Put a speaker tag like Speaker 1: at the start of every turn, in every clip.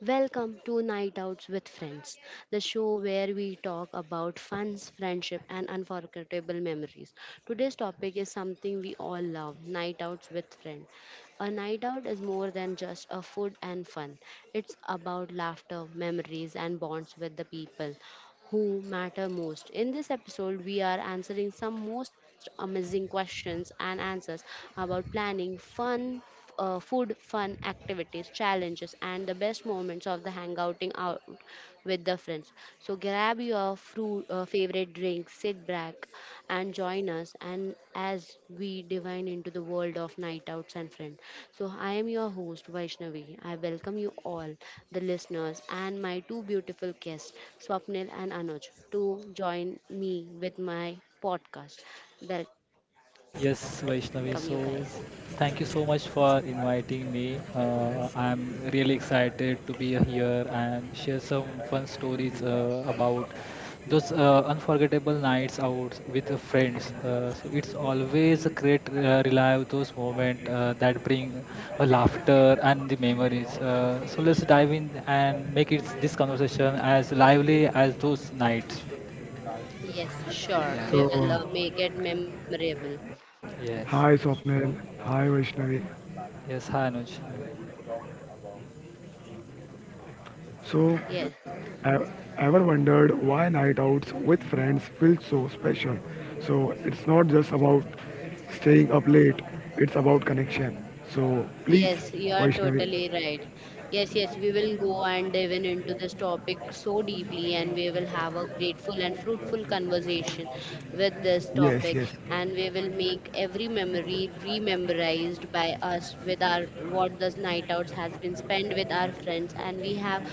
Speaker 1: Welcome to Night Outs with Friends, the show where we talk about funs, friendship, and unforgettable memories. Today's topic is something we all love night outs with friends. A night out is more than just a food and fun, it's about laughter, memories, and bonds with the people who matter most. In this episode, we are answering some most amazing questions and answers about planning fun, food, fun, activities, challenges, and the best moments of the hangouting out with the friends. So grab your favorite drink, sit back, and join us. And as we divine into the world of night outs and friends. So I am your host Vaishnavi. I welcome you all, the listeners, and my two beautiful guests, Swapnil and Anuj, to join me with my podcast. Welcome you guys.
Speaker 2: Yes, Vaishnavi. So, thank you so much for inviting me. I'm really excited to be here and share some fun stories about those unforgettable nights out with the friends. So, it's always a great relive those moments that bring a laughter and the memories. So, let's dive in and make it this conversation as lively as those nights.
Speaker 1: Yes, sure.
Speaker 2: Yeah.
Speaker 1: We
Speaker 3: So,
Speaker 1: will make it memorable.
Speaker 2: Yes.
Speaker 3: hi Swapnil, hi Vaishnavi.
Speaker 2: Yes. Hi, Anuj.
Speaker 1: Yes,
Speaker 3: So, e- ever wondered why night outs with friends feel so special? So, it's not just about staying up late, it's about connection. So, please,
Speaker 1: yes, you are
Speaker 3: Vaishnavi.
Speaker 1: totally right. Yes, yes, we will go and dive in into this topic so deeply, and we will have a grateful and fruitful conversation with this
Speaker 3: Yes,
Speaker 1: topic,
Speaker 3: yes.
Speaker 1: and we will make every memory rememorized by us with our what the night outs has been spent with our friends, and we have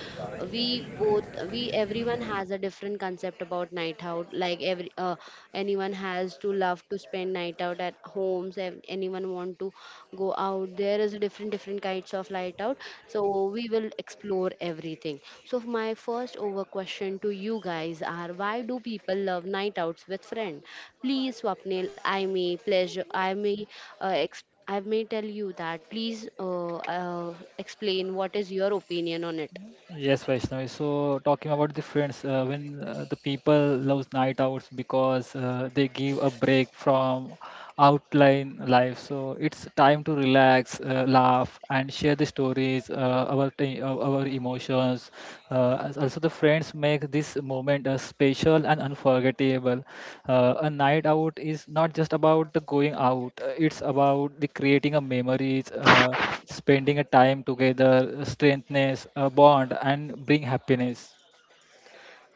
Speaker 1: we both we everyone has a different concept about night out, like every anyone has to love to spend night out at homes, anyone want to go out. There is a different different kinds of night out, so we will explore everything. So my first over question to you guys are, why do people love night outs with friend? Please Swapnil, I may pleasure I may ex- I may tell you that. Please explain what is your opinion on it.
Speaker 2: Yes, Vaishnavi. So talking about the friends, when the people love night hours because they give a break from outline life. So it's time to relax, laugh, and share the stories, our emotions. Also, the friends make this moment special and unforgettable. A night out is not just about the going out; it's about the creating of memories, spending a time together, strengthens a bond, and bring happiness.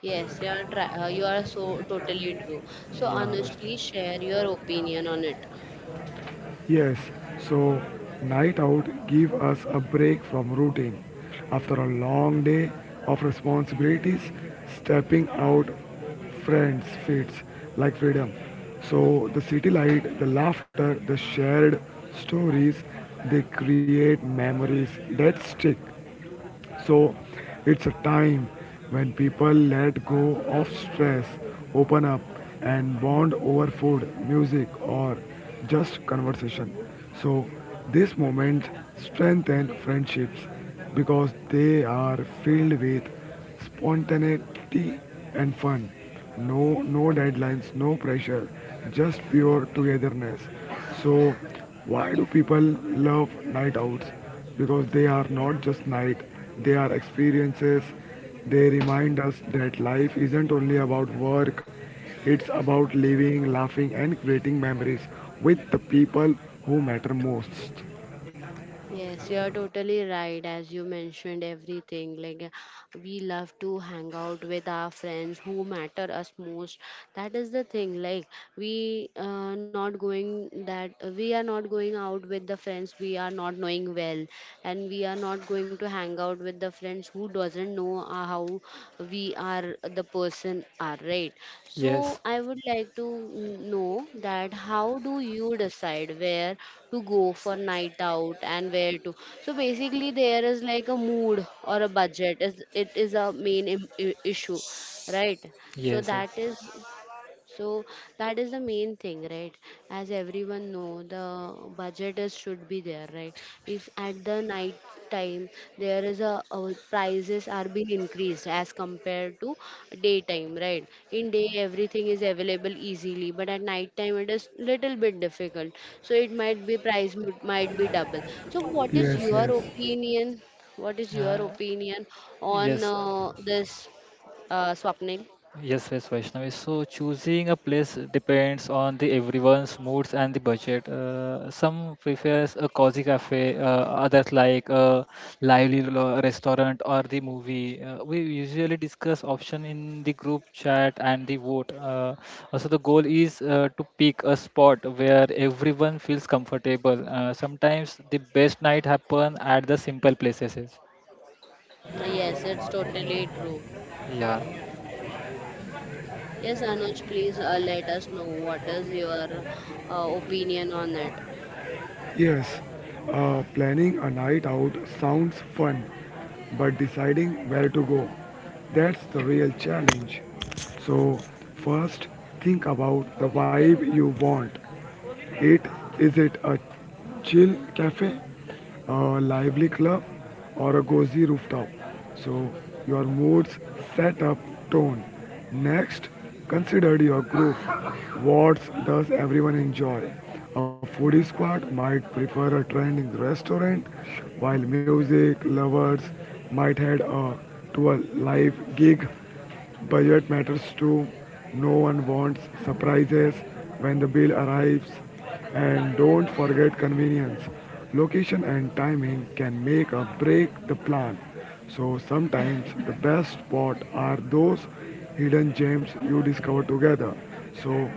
Speaker 1: Yes, you are, you are so totally true. So,
Speaker 2: Yeah,
Speaker 1: Anuj, please
Speaker 2: Vaishnavi.
Speaker 1: share your opinion on it.
Speaker 3: Yes, so night out give us a break from routine. After a long day of responsibilities, stepping out friends feels like freedom. So the city light, the laughter, the shared stories, they create memories that stick. So it's a time when people let go of stress, open up, and bond over food, music, or just conversation. So these moments strengthen friendships because they are filled with spontaneity and fun. No deadlines, no pressure, just pure togetherness. So, why do people love night outs? Because they are not just night, they are experiences. They remind us that life isn't only about work, it's about living, laughing, and creating memories with the people who matter most.
Speaker 1: Yes, you are totally right. As you mentioned, everything like, we love to hang out with our friends who matter us most. That is the thing. Like, we not going, that we are not going out with the friends we are not knowing well, and we are not going to hang out with the friends who doesn't know how we are the person are, right? So
Speaker 2: Yes,
Speaker 1: I would like to know that, how do you decide where to go for night out and where to? So basically, there is like a mood or a budget, is it, is a main issue, right? So
Speaker 2: yes, yes.
Speaker 1: that is, so that is the main thing, right? As everyone know, the budget is should be there, right? If at the night time, there is a, prices are being increased as compared to daytime, right? In day everything is available easily, but at night time it is little bit difficult. So it might be price might be double. So what is
Speaker 3: Yes,
Speaker 1: your
Speaker 3: yes.
Speaker 1: opinion? What is your
Speaker 2: Uh,
Speaker 1: opinion on
Speaker 2: yes.
Speaker 1: this, Swapnil?
Speaker 2: Yes, yes, Vaishnavi. So choosing a place depends on the everyone's moods and the budget. Some prefers a cozy cafe, others like a restaurant or the movie. We usually discuss option in the group chat and the vote. Also, the goal is to pick a spot where everyone feels comfortable. Sometimes the best night happen at the simple places.
Speaker 1: Yes, it's totally
Speaker 2: Uh,
Speaker 1: true. Yes, Anuj, please let us know what is your opinion on it.
Speaker 3: Yes, planning a night out sounds fun, but deciding where to go, that's the real challenge. So, first, think about the vibe you want. It is it a chill cafe, a lively club, or a cozy rooftop. So, your moods set up tone. Next, consider your group. What does everyone enjoy? A foodie squad might prefer a trending restaurant, while music lovers might head to a live gig. Budget matters too. No one wants surprises when the bill arrives. And don't forget convenience. Location and timing can make or break the plan. So sometimes the best spots are those hidden gems you discover together. So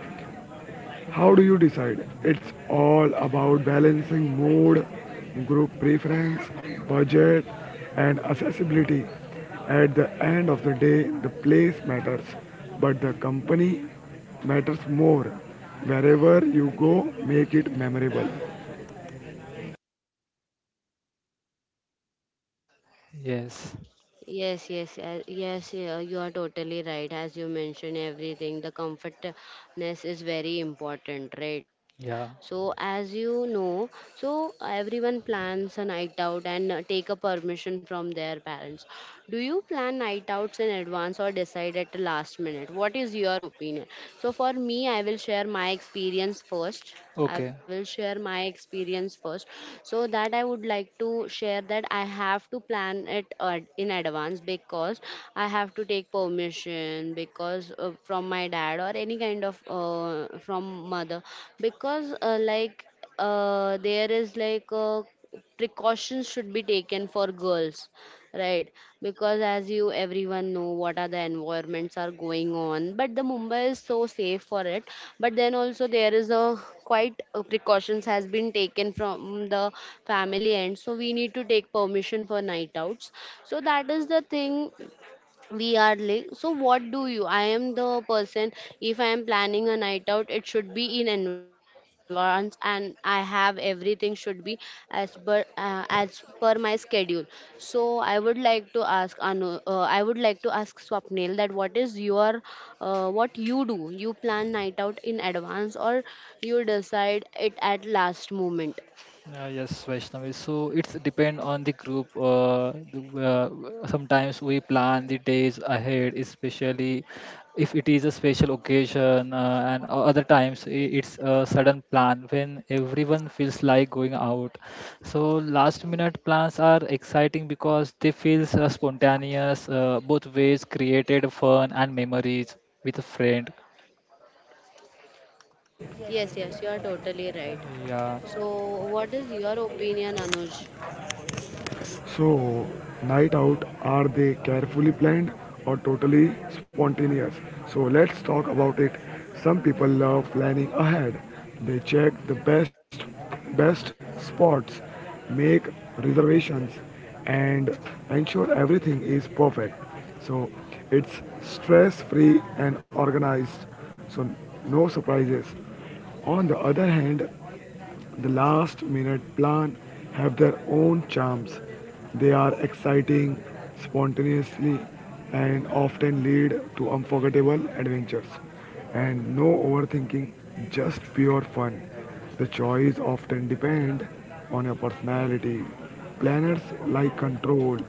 Speaker 3: how do you decide? It's all about balancing mood, group preference, budget, and accessibility. At the end of the day, the place matters, but the company matters more. Wherever you go, make it memorable.
Speaker 2: yes.
Speaker 1: Yes, yes, yes, you are totally right. As you mentioned, everything, the comfortness is very important, right?
Speaker 2: Yeah.
Speaker 1: So, as you know, so everyone plans a night out and take a permission from their parents. Do you plan night outs in advance or decide at the last minute? What is your opinion? So, for me, I will share my experience first. I
Speaker 2: Okay.
Speaker 1: will share my experience first. So that I would like to share that I have to plan it in advance, because I have to take permission because, from my dad or any kind of, from mother, because, like, there is like, precautions should be taken for girls, right? Because as you everyone know what are the environments are going on, but the Mumbai is so safe for it. But then also there is a quite precautions has been taken from the family end, so we need to take permission for night outs. So that is the thing. We are late, so what do you? I am the person, if I am planning a night out, it should be in advance, and I have everything should be as per my schedule. So I would like to ask anu I would like to ask Swapnil that, what is your what you do, you plan night out in advance, or you decide it at last moment?
Speaker 2: Yes, Vaishnavi. So it's depend on the group. Sometimes we plan the days ahead, especially if it is a special occasion, and other times it's a sudden plan when everyone feels like going out. So last minute plans are exciting because they feel spontaneous, both ways created fun and memories with a friend.
Speaker 1: Yes, yes, you are totally right.
Speaker 2: Yeah.
Speaker 1: So what is your opinion, Anuj?
Speaker 3: So, night out are they carefully planned or totally spontaneous? So, let's talk about it. Some people love planning ahead. They check the best spots, make reservations and ensure everything is perfect. So, it's stress-free and organized. So, no surprises. On the other hand, the last minute plans have their own charms. They are exciting, spontaneously, and often lead to unforgettable adventures. And no overthinking, just pure fun. The choice often depends on your personality. Planners like control,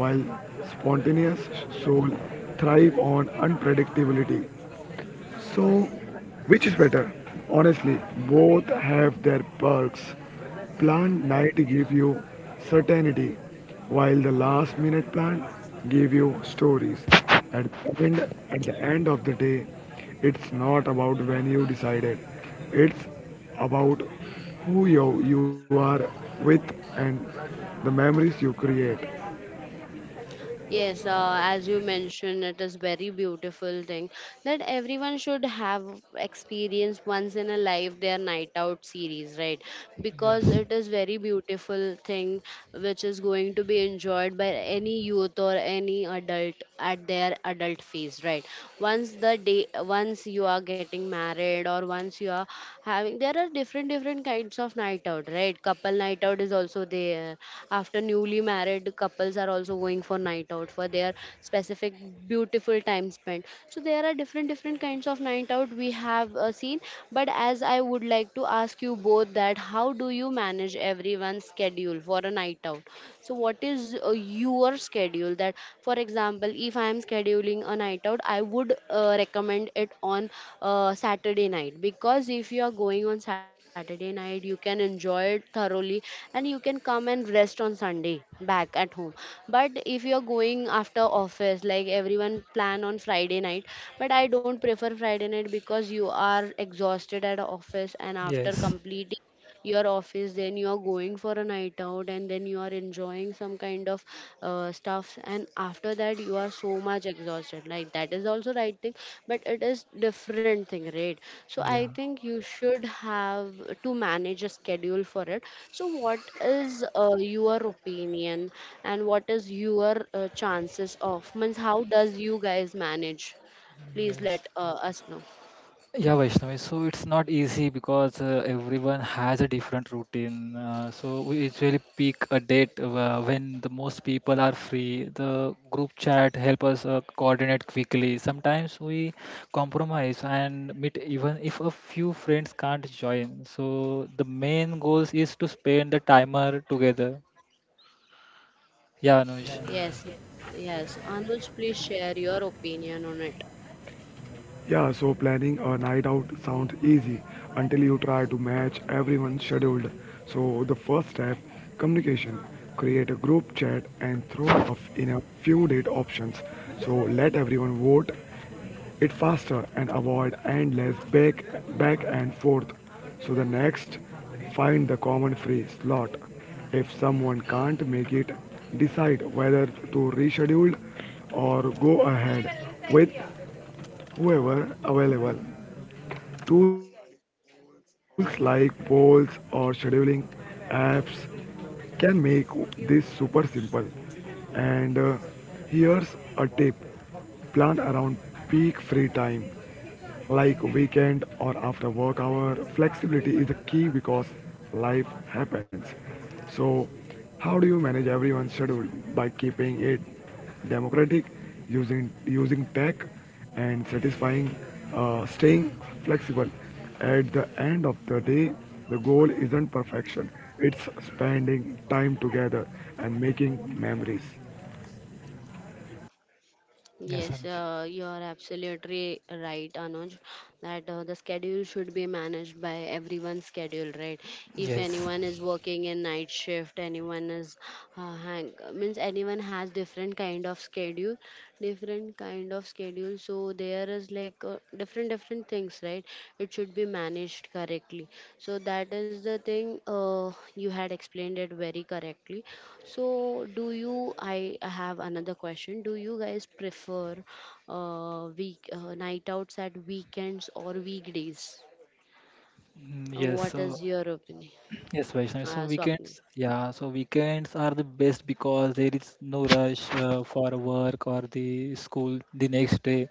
Speaker 3: while spontaneous souls thrive on unpredictability. So, which is better? Honestly, both have their perks. Plan night give you certainty, while the last minute plan give you stories. At the end of the day, it's not about when you decided. It's about who you are with and the memories you create.
Speaker 1: Yes, as you mentioned, it is very beautiful thing that everyone should have experience once in a life their night out series, right? Because
Speaker 2: Yes.
Speaker 1: it is very beautiful thing which is going to be enjoyed by any youth or any adult at their adult phase, right? Once the day, once you are getting married, or once you are having, there are different different kinds of night out, right? Couple night out is also there. After newly married couples are also going for night out for their specific beautiful time spent. So there are different different kinds of night out we have seen. But as I would like to ask you both that, how do you manage everyone's schedule for a night out? So what is your schedule, that for example, if I am scheduling a night out, I would recommend it on Saturday night, because if you are going on Saturday night, you can enjoy it thoroughly and you can come and rest on Sunday back at home. But if you're going after office, like everyone plan on Friday night. But I don't prefer Friday night, because you are exhausted at office, and after
Speaker 2: Yes.
Speaker 1: completing your office then you are going for a night out, and then you are enjoying some kind of stuff, and after that you are so much exhausted, like that is also right thing, but it is different thing, right? So I
Speaker 2: Yeah.
Speaker 1: think you should have to manage a schedule for it. So what is your opinion, and what is your chances of means, how does you guys manage? Please
Speaker 2: Yes.
Speaker 1: let us know.
Speaker 2: Yeah, Vaishnavi. So it's not easy because everyone has a different routine. So we usually pick a date when the most people are free. The group chat help us coordinate quickly. Sometimes we compromise and meet even if a few friends can't join. So the main goals is to spend the timer together. Yeah, Anuj.
Speaker 1: Yes, yes, yes, Anuj, please share your opinion on it.
Speaker 3: Yeah, so planning a night out sounds easy until you try to match everyone's schedule. So the first step, communication. Create a group chat and throw up in a few date options. So let everyone vote it faster and avoid endless back and forth. So the next, find the common free slot. If someone can't make it, decide whether to reschedule or go ahead with. However, available tools like polls or scheduling apps can make this super simple. And Here's a tip, plan around peak free time like weekend or after work hour. Flexibility is a key because life happens. So how do you manage everyone's schedule? By keeping it democratic, using tech, and satisfying, staying flexible. At the end of the day, the goal isn't perfection; it's spending time together and making memories.
Speaker 1: Yes,
Speaker 2: Yes, Anuj.
Speaker 1: you are absolutely right, Anuj, that the schedule should be managed by everyone's schedule, right? If
Speaker 2: Yes.
Speaker 1: anyone is working in night shift, anyone is hang means, anyone has different kind of schedule, different different kind of schedule, so there is like different different things, right? It should be managed correctly. So that is the thing, you had explained it very correctly. So do you, I have another question, do you guys prefer week night outs at weekends or weekdays?
Speaker 2: Yes.
Speaker 1: What is
Speaker 2: So.
Speaker 1: your opinion,
Speaker 2: Yes, Vaishnavi. So
Speaker 1: Swapni?
Speaker 2: weekends, yeah, so weekends are the best because there is no rush for work or the school the next day,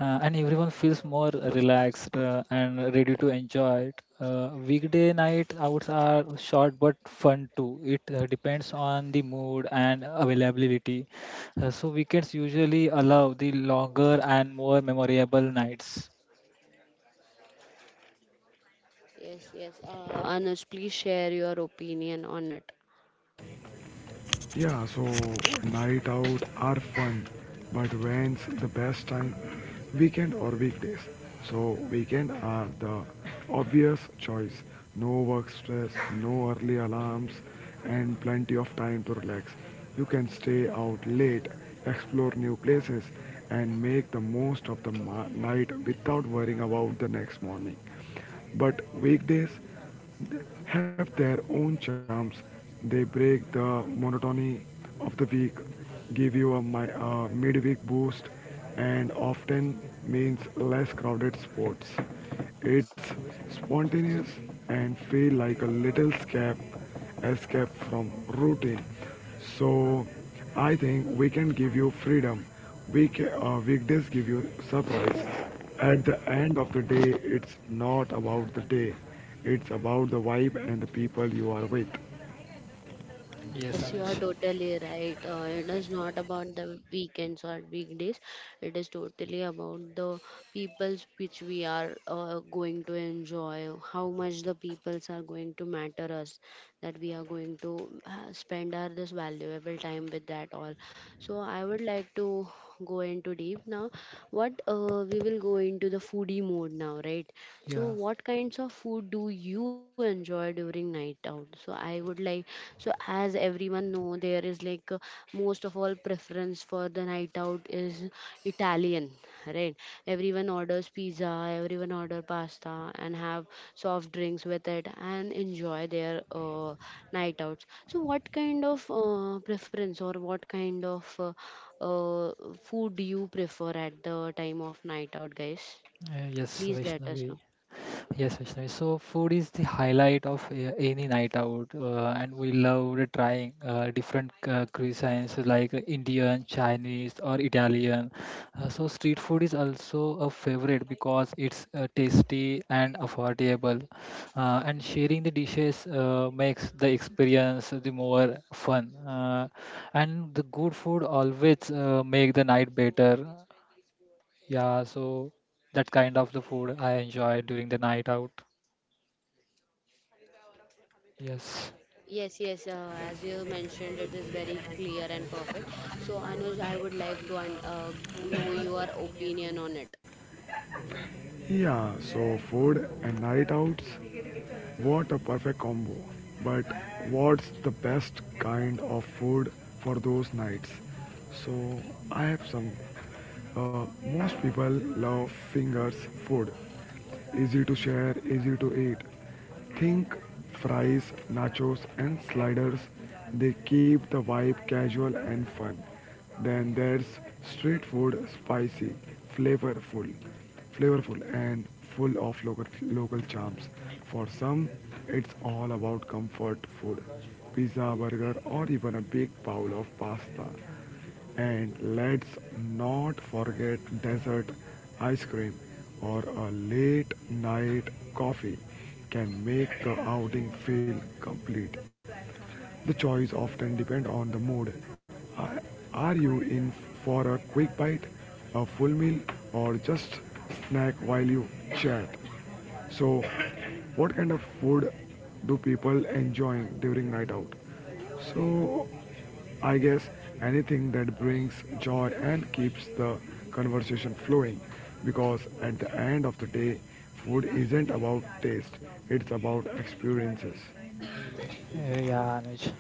Speaker 2: and everyone feels more relaxed and ready to enjoy it. Weekday night outs are short but fun too. It depends on the mood and availability. So weekends usually allow the longer and more memorable nights.
Speaker 1: Yes, yes, Anuj, please share your opinion on it.
Speaker 3: Yeah, so night out are fun, but when's the best time? Weekend or weekdays? So weekend are the obvious choice. No work stress, no early alarms, and plenty of time to relax. You can stay out late, explore new places, and make the most of the night without worrying about the next morning. But weekdays have their own charms. They break the monotony of the week, give you a midweek boost, and often means less crowded sports. It's spontaneous and feel like a little escape, escape from routine. So I think we can give you freedom. We can, weekdays give you surprise. At the end of the day, it's not about the day. It's about the vibe and the people you are with.
Speaker 2: Yes,
Speaker 1: Yes, you are
Speaker 2: Anuj.
Speaker 1: totally right. It is not about the weekends or weekdays. It is totally about the peoples which we are going to enjoy. How much the peoples are going to matter us, that we are going to spend our this valuable time with that all. So I would like to go into deep now. What, we will go into the foodie mode now, right? So,
Speaker 2: Yeah.
Speaker 1: what kinds of food do you enjoy during night out? So, I would like, so as everyone know, there is like, most of all preference for the night out is Italian, right? Everyone orders pizza, everyone order pasta, and have soft drinks with it and enjoy their night outs. So, what kind of preference or what kind of uh, food do you prefer at the time of night out, guys?
Speaker 2: Uh, yes,
Speaker 1: Please let us know.
Speaker 2: Vaishnavi. Yes, Vishnu. So food is the highlight of any night out, and we love trying different cuisines like Indian, Chinese, or Italian. So street food is also a favorite because it's tasty and affordable, and sharing the dishes makes the experience the more fun. And the good food always make the night better. Yeah, so that kind of the food I enjoy during the night out. Yes.
Speaker 1: Yes, yes, as you mentioned, it is very clear and perfect. So, Anuj, I would like to know your opinion on it.
Speaker 3: Yeah, so food and night outs, what a perfect combo. But what's the best kind of food for those nights? So I have some. Most people love fingers food. Easy to share, easy to eat. Think fries, nachos, and sliders. They keep the vibe casual and fun. Then there's street food, spicy, flavorful flavorful and full of local charms. For some, it's all about comfort food, pizza, burger, or even a big bowl of pasta. And let's not forget dessert, ice cream or a late night coffee can make the outing feel complete. The choice often depend on the mood. Are, are you in for a quick bite, a full meal, or just snack while you chat? So, what kind of food do people enjoy during night out? So, I guess anything that brings joy and keeps the conversation flowing because at the end of the day, food isn't about taste, it's about experiences.
Speaker 2: Yeah, Anuj.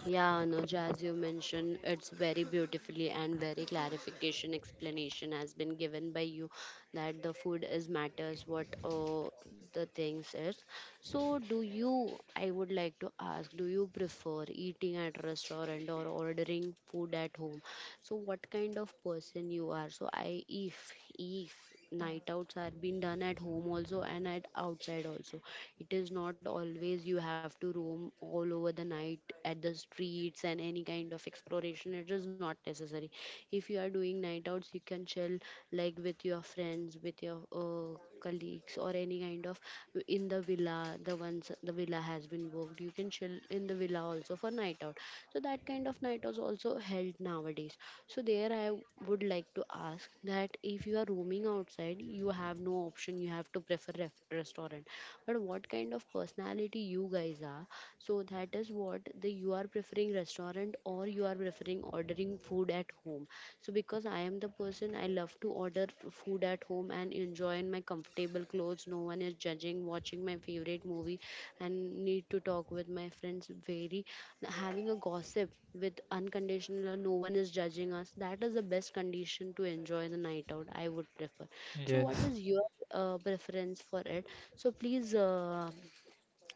Speaker 1: Yeah, Anuj, as you mentioned, it's very beautifully and very clarification explanation has been given by you, that the food is matters what the things is. So, do you? I would like to ask, do you prefer eating at restaurant or ordering food at home? So, what kind of person you are? So, I if night outs are being done at home also and at outside also, it is not always you have to roam all over the night at the streets, and any kind of exploration it is not necessary. If you are doing night outs, you can chill, like with your friends, with your colleagues, or any kind of, in the villa, the ones the villa has been booked, you can chill in the villa also for night out. So that kind of night was also held nowadays. So there I would like to ask that, if you are roaming outside, you have no option. You have to prefer restaurant. But what kind of personality you guys are? So that is what, the you are preferring restaurant or you are preferring ordering food at home. So because I am the person. I love to order food at home and enjoy in my comfortable clothes. No one is judging, watching my favorite movie, and need to talk with my friends. Very having a gossip with unconditional, no one is judging us. That is the best condition to enjoy the night out. I would prefer. So, what
Speaker 2: Yes.
Speaker 1: is your preference for it? So, please,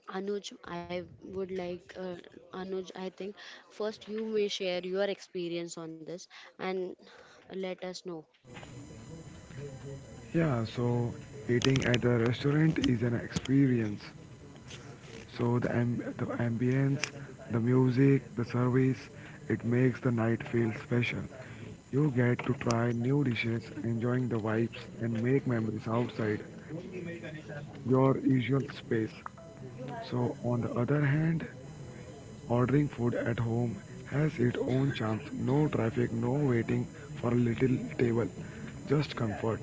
Speaker 1: Anuj, I would like Anuj. I think first you may share your experience on this and let us know.
Speaker 3: Yeah, so eating at a restaurant is an experience. So the ambience, the music, the service, it makes the night feel special. You get to try new dishes, enjoying the vibes, and make memories outside your usual space. So, on the other hand, ordering food at home has its own charms. No traffic, no waiting for a little table, just comfort.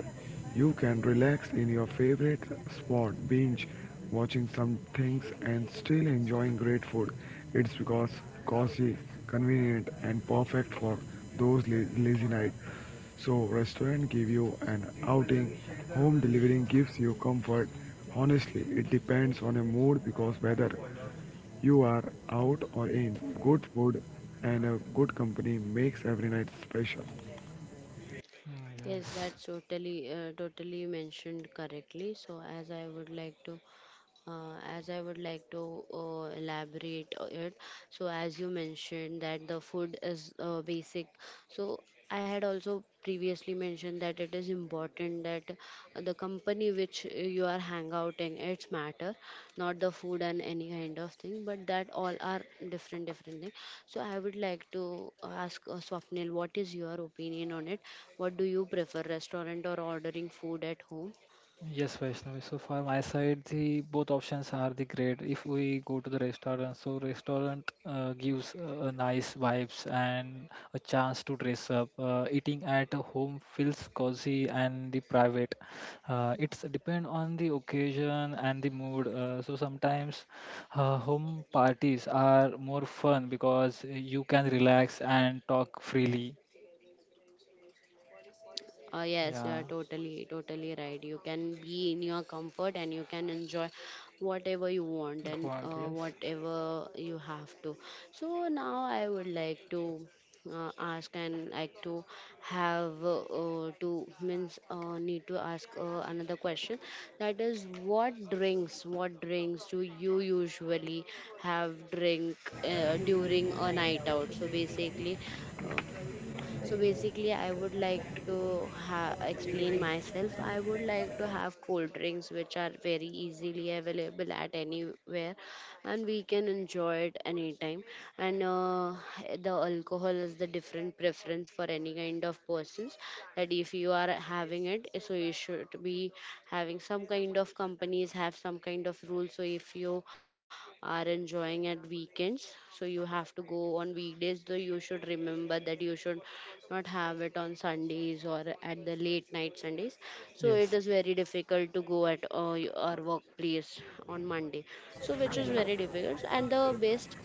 Speaker 3: You can relax in your favorite spot, binge watching some things, and still enjoying great food. It's because cozy, convenient, and perfect for those lazy nights. So restaurant give you an outing, home delivering gives you comfort. Honestly, it depends on a mood because whether you are out or in, good food and a good company makes every night special.
Speaker 1: Yes, that's
Speaker 2: Yes.
Speaker 1: totally, totally mentioned correctly. So, as I would like to elaborate on it. So, as you mentioned that the food is basic, so I had also previously mentioned that it is important that the company which you are hang out in it's matter, not the food and any kind of thing, but that all are different different thing. So, I would like to ask Swapnil, what is your opinion on it? What do you prefer, restaurant or ordering food at home?
Speaker 2: Yes, Vaishnavi. So for my side, the both options are the great. If we go to the restaurant, so restaurant gives a nice vibes and a chance to dress up. Eating at home feels cozy and the private. It's depend on the occasion and the mood. So sometimes home parties are more fun because you can relax and talk freely.
Speaker 1: Yes, you are
Speaker 2: Yeah.
Speaker 1: totally, totally right. You can be in your comfort and you can enjoy whatever you want and
Speaker 2: Quant, yes,
Speaker 1: whatever you have to. So now I would like to ask and like to have to means need to ask another question. That is, what drinks do you usually have drink during a night out? Uh, so basically, I would like to explain myself. I would like to have cold drinks, which are very easily available at anywhere, and we can enjoy it anytime. And the alcohol is the different preference for any kind of persons. That if you are having it, so you should be having some kind of companies have some kind of rules. So if you are enjoying it going at weekends. So you have to go on weekdays. Though you should remember that you should not have it on Sundays or at the late night Sundays. So it
Speaker 2: yes.
Speaker 1: is very difficult to go at our workplace on Monday. So which is very difficult. And the best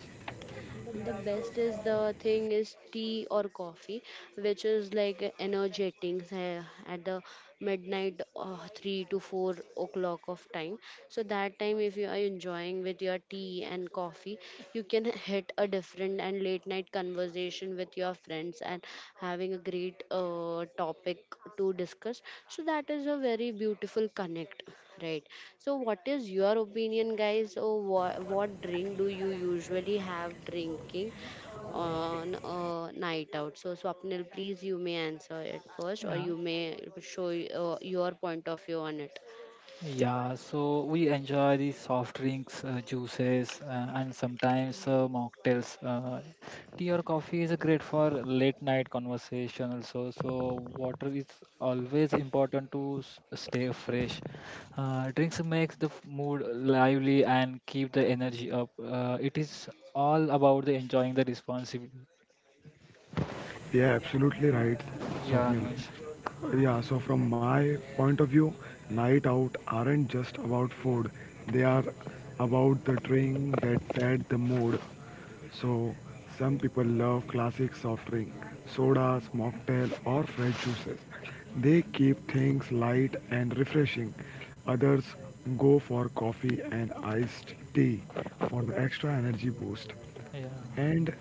Speaker 1: and the best is the thing is tea or coffee, which is like a energetic at the midnight 3 to 4 o'clock of time. So that time if you are enjoying with your tea and coffee, you can hit a different different and late night conversation with your friends and having a great topic to discuss. So that is a very beautiful connect, right? So what is your opinion, guys? Or what drink do you usually have drinking on a night out? So Swapnil, please you may answer it first, or
Speaker 2: Uh,
Speaker 1: you may show your point of view on it.
Speaker 2: yeah, so we enjoy the soft drinks, juices, and sometimes mocktails. Tea or coffee is great for late night conversation also. So water is always important to stay fresh. Drinks makes the mood lively and keep the energy up. It is all about the enjoying the responsibility.
Speaker 3: Yeah, absolutely right,
Speaker 2: Yeah,
Speaker 3: Swapnil.
Speaker 2: Anuj.
Speaker 3: Yeah, so from my point of view, night out aren't just about food. They are about the drink that set the mood. So some people love classic soft drink, sodas, mocktail or fresh juices. They keep things light and refreshing. Others go for coffee and iced tea for the extra energy boost.
Speaker 2: Yeah,
Speaker 3: And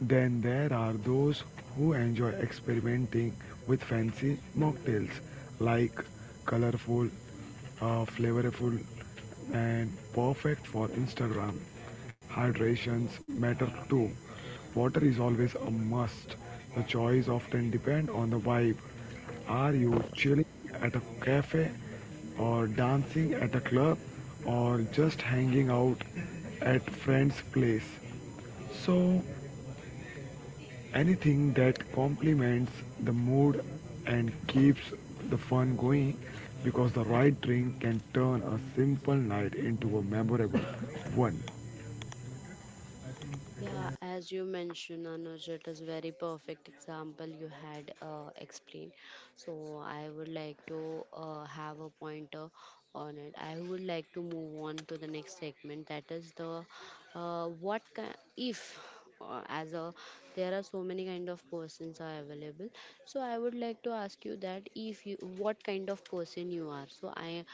Speaker 3: then there are those who enjoy experimenting with fancy mocktails like colorful, flavorful, and perfect for Instagram. Hydrations matter too. Water is always a must. The choice often depend on the vibe. Are you chilling at a cafe or dancing at a club or just hanging out at friend's place? So, anything that complements the mood and keeps the fun going because the right drink can turn a simple night into a memorable one.
Speaker 1: Yeah, as you mentioned, Anuj, it is very perfect example you had explained. So I would like to have a pointer on it. I would like to move on to the next segment. That is the what if as a there are so many kind of persons are available, so I would like to ask you that if you what kind of person you are. So I,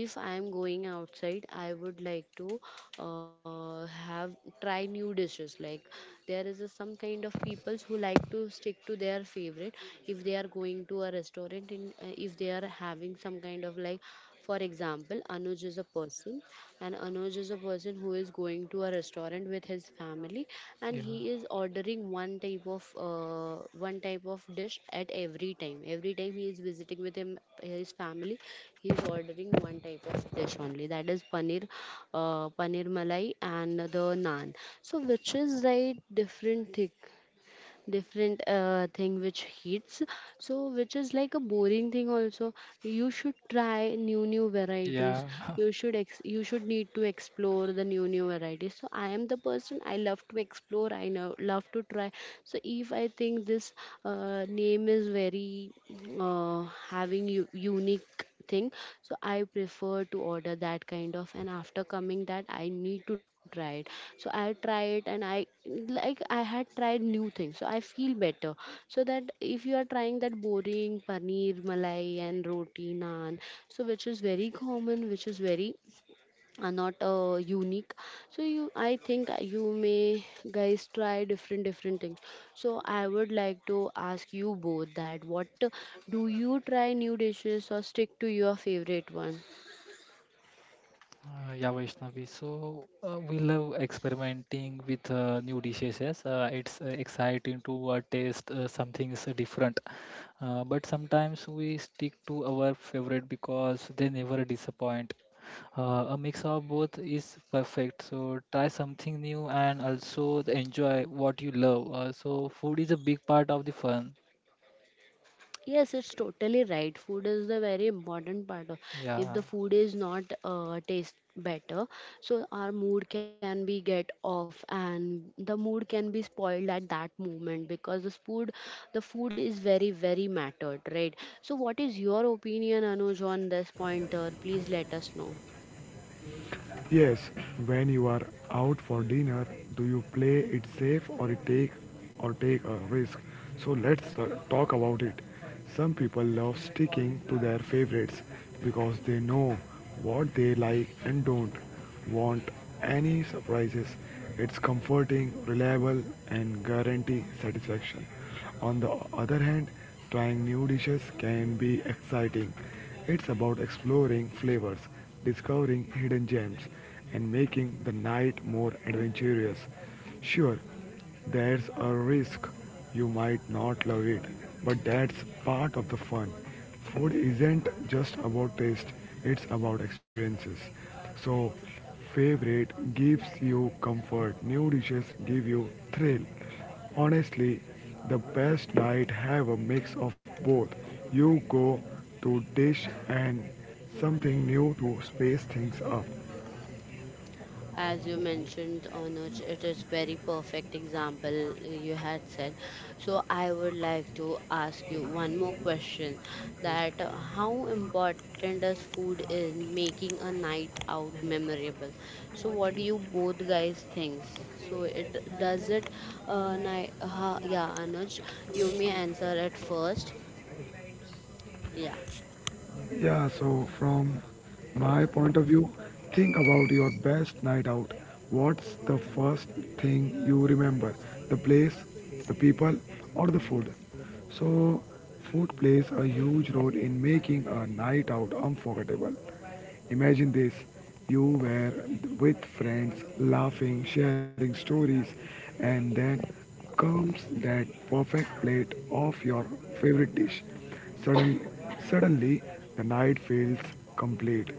Speaker 1: if I am going outside, I would like to have try new dishes. Like there is a, some kind of peoples who like to stick to their favorite if they are going to a restaurant in, if they are having some kind of like, for example, Anuj is a person, and Anuj is a person who is going to a restaurant with his family, and
Speaker 2: yeah,
Speaker 1: he is ordering one type of dish at every time. Every time he is visiting with him his family, he is ordering one type of dish only. That is paneer, paneer malai, and the naan. So which is right different thing? Different thing which hits, so which is like a boring thing also. You should try new new varieties.
Speaker 2: yeah.
Speaker 1: You should need to explore the new new varieties. So I am the person, I love to explore, I know love to try. So if I think this name is very uh, having unique thing, so I prefer to order that kind of, and after coming that I need to try it. So I try it and I like, I had tried new things, so I feel better. So that if you are trying that boring paneer malai and roti naan, so which is very common, which is very are not unique. So you, I think you may guys try different different things. So I would like to ask you both that what, do you try new dishes or stick to your favorite one?
Speaker 2: Yeah, Vaishnavi. So we love experimenting with new dishes. Yes, it's exciting to taste something is different. But sometimes we stick to our favorite because they never disappoint. A mix of both is perfect. So try something new and also enjoy what you love. So food is a big part of the fun.
Speaker 1: Yes, it's totally right. Food is the very important part. Of, if
Speaker 2: Yeah,
Speaker 1: the food is not taste better, so our mood can be get off, and the mood can be spoiled at that moment because this food, the food is very very mattered, right? So, what is your opinion, Anuj, on this pointer? Please let us know.
Speaker 3: Yes, when you are out for dinner, do you play it safe or you take or take a risk? So let's talk about it. Some people love sticking to their favorites because they know what they like and don't want any surprises. It's comforting, reliable and guarantee satisfaction. On the other hand, trying new dishes can be exciting. It's about exploring flavors, discovering hidden gems, and making the night more adventurous. Sure, there's a risk you might not love it, but that's part of the fun. Food isn't just about taste, it's about experiences. So, favorite gives you comfort, new dishes give you thrill. Honestly, the best night have a mix of both. You go to dish and something new to space things up.
Speaker 1: As you mentioned, Anuj, it is very perfect example you had said. So I would like to ask you one more question, that how important does food in making a night out memorable? So what do you both guys think? So it does it yeah, Anuj, you may answer it first. Yeah.
Speaker 3: Yeah, so from my point of view, think about your best night out. What's the first thing you remember? The place, the people, or the food? So, food plays a huge role in making a night out unforgettable. Imagine this, you were with friends, laughing, sharing stories, and then comes that perfect plate of your favorite dish. Sudden, suddenly, the night feels complete.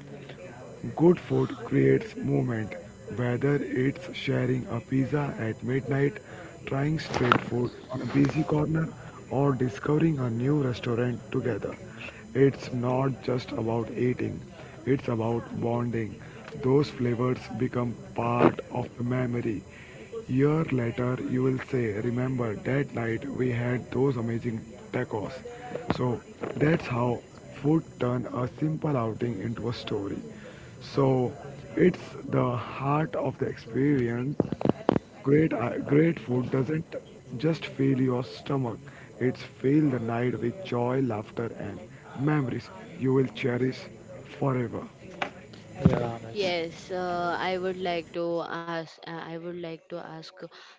Speaker 3: Good food creates movement, whether it's sharing a pizza at midnight, trying street food on a busy corner, or discovering a new restaurant together. It's not just about eating, it's about bonding. Those flavors become part of the memory. Year later, you will say, remember that night we had those amazing tacos. So that's how would turn a simple outing into a story. So it's the heart of the experience. Great food doesn't just fill your stomach; it's fill the night with joy, laughter, and memories you will cherish forever.
Speaker 2: yeah, Anuj.
Speaker 1: Yes, I would like to ask. I would like to ask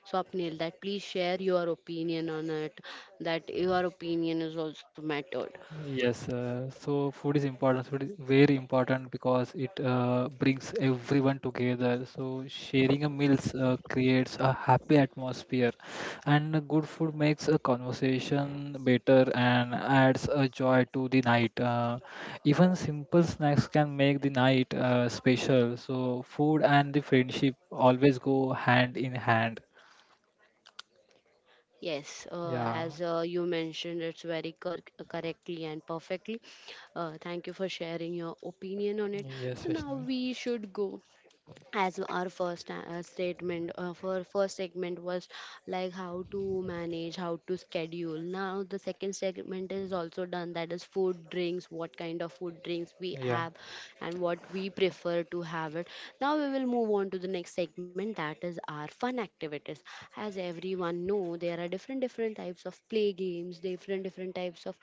Speaker 1: Swapnil that please share your opinion on it. That your opinion is also mattered.
Speaker 2: Yes, so food is important. Food is very important because it brings everyone together. So sharing a meals creates a happy atmosphere, and a good food makes a conversation better and adds a joy to the night. Even simple snacks can make the night special. So food and the friendship always go hand in hand.
Speaker 1: Yes,
Speaker 2: Yeah.
Speaker 1: as you mentioned, it's very correctly and perfectly. Thank you for sharing your opinion on it.
Speaker 2: Yes,
Speaker 1: So now
Speaker 2: Vaishnavi.
Speaker 1: we should go, as our first statement for first segment was like how to manage, how to schedule. Now the second segment is also done, that is food drinks, what kind of food drinks we
Speaker 2: Yeah.
Speaker 1: have and what we prefer to have it. Now we will move on to the next segment, that is our fun activities. As everyone know, there are different different types of play games, different different types of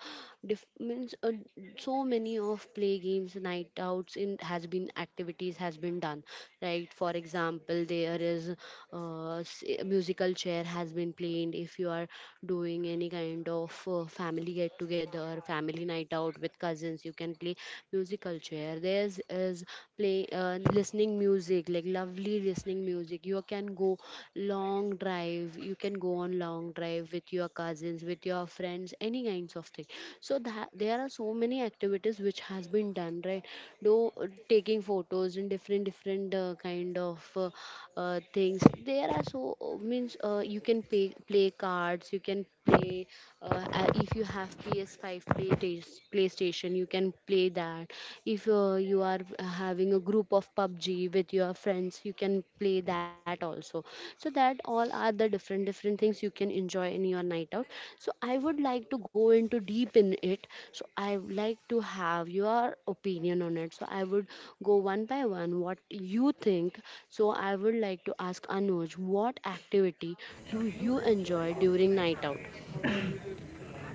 Speaker 1: means so many of play games, night outs in has been activities has been done, right? For example, there is a musical chair has been played. If you are doing any kind of family get together, family night out with cousins, you can play musical chair. There's is play listening music, like lovely listening music. You can go long long drive, you can go on long drive with your cousins, with your friends, any kinds of thing. So that, there are so many activities which has been done, right? Do taking photos in different different things. There are so means you can play cards, you can play if you have PS5 play playstation, you can play that. If you are having a group of pubg with your friends, you can play that also. So that all are the different different things you can enjoy in your night out. So I would like to go into deep in it. So I would like to have your opinion on it. So I would go one by one, what you think. So I would like to ask Anuj, what activity do you enjoy during night out?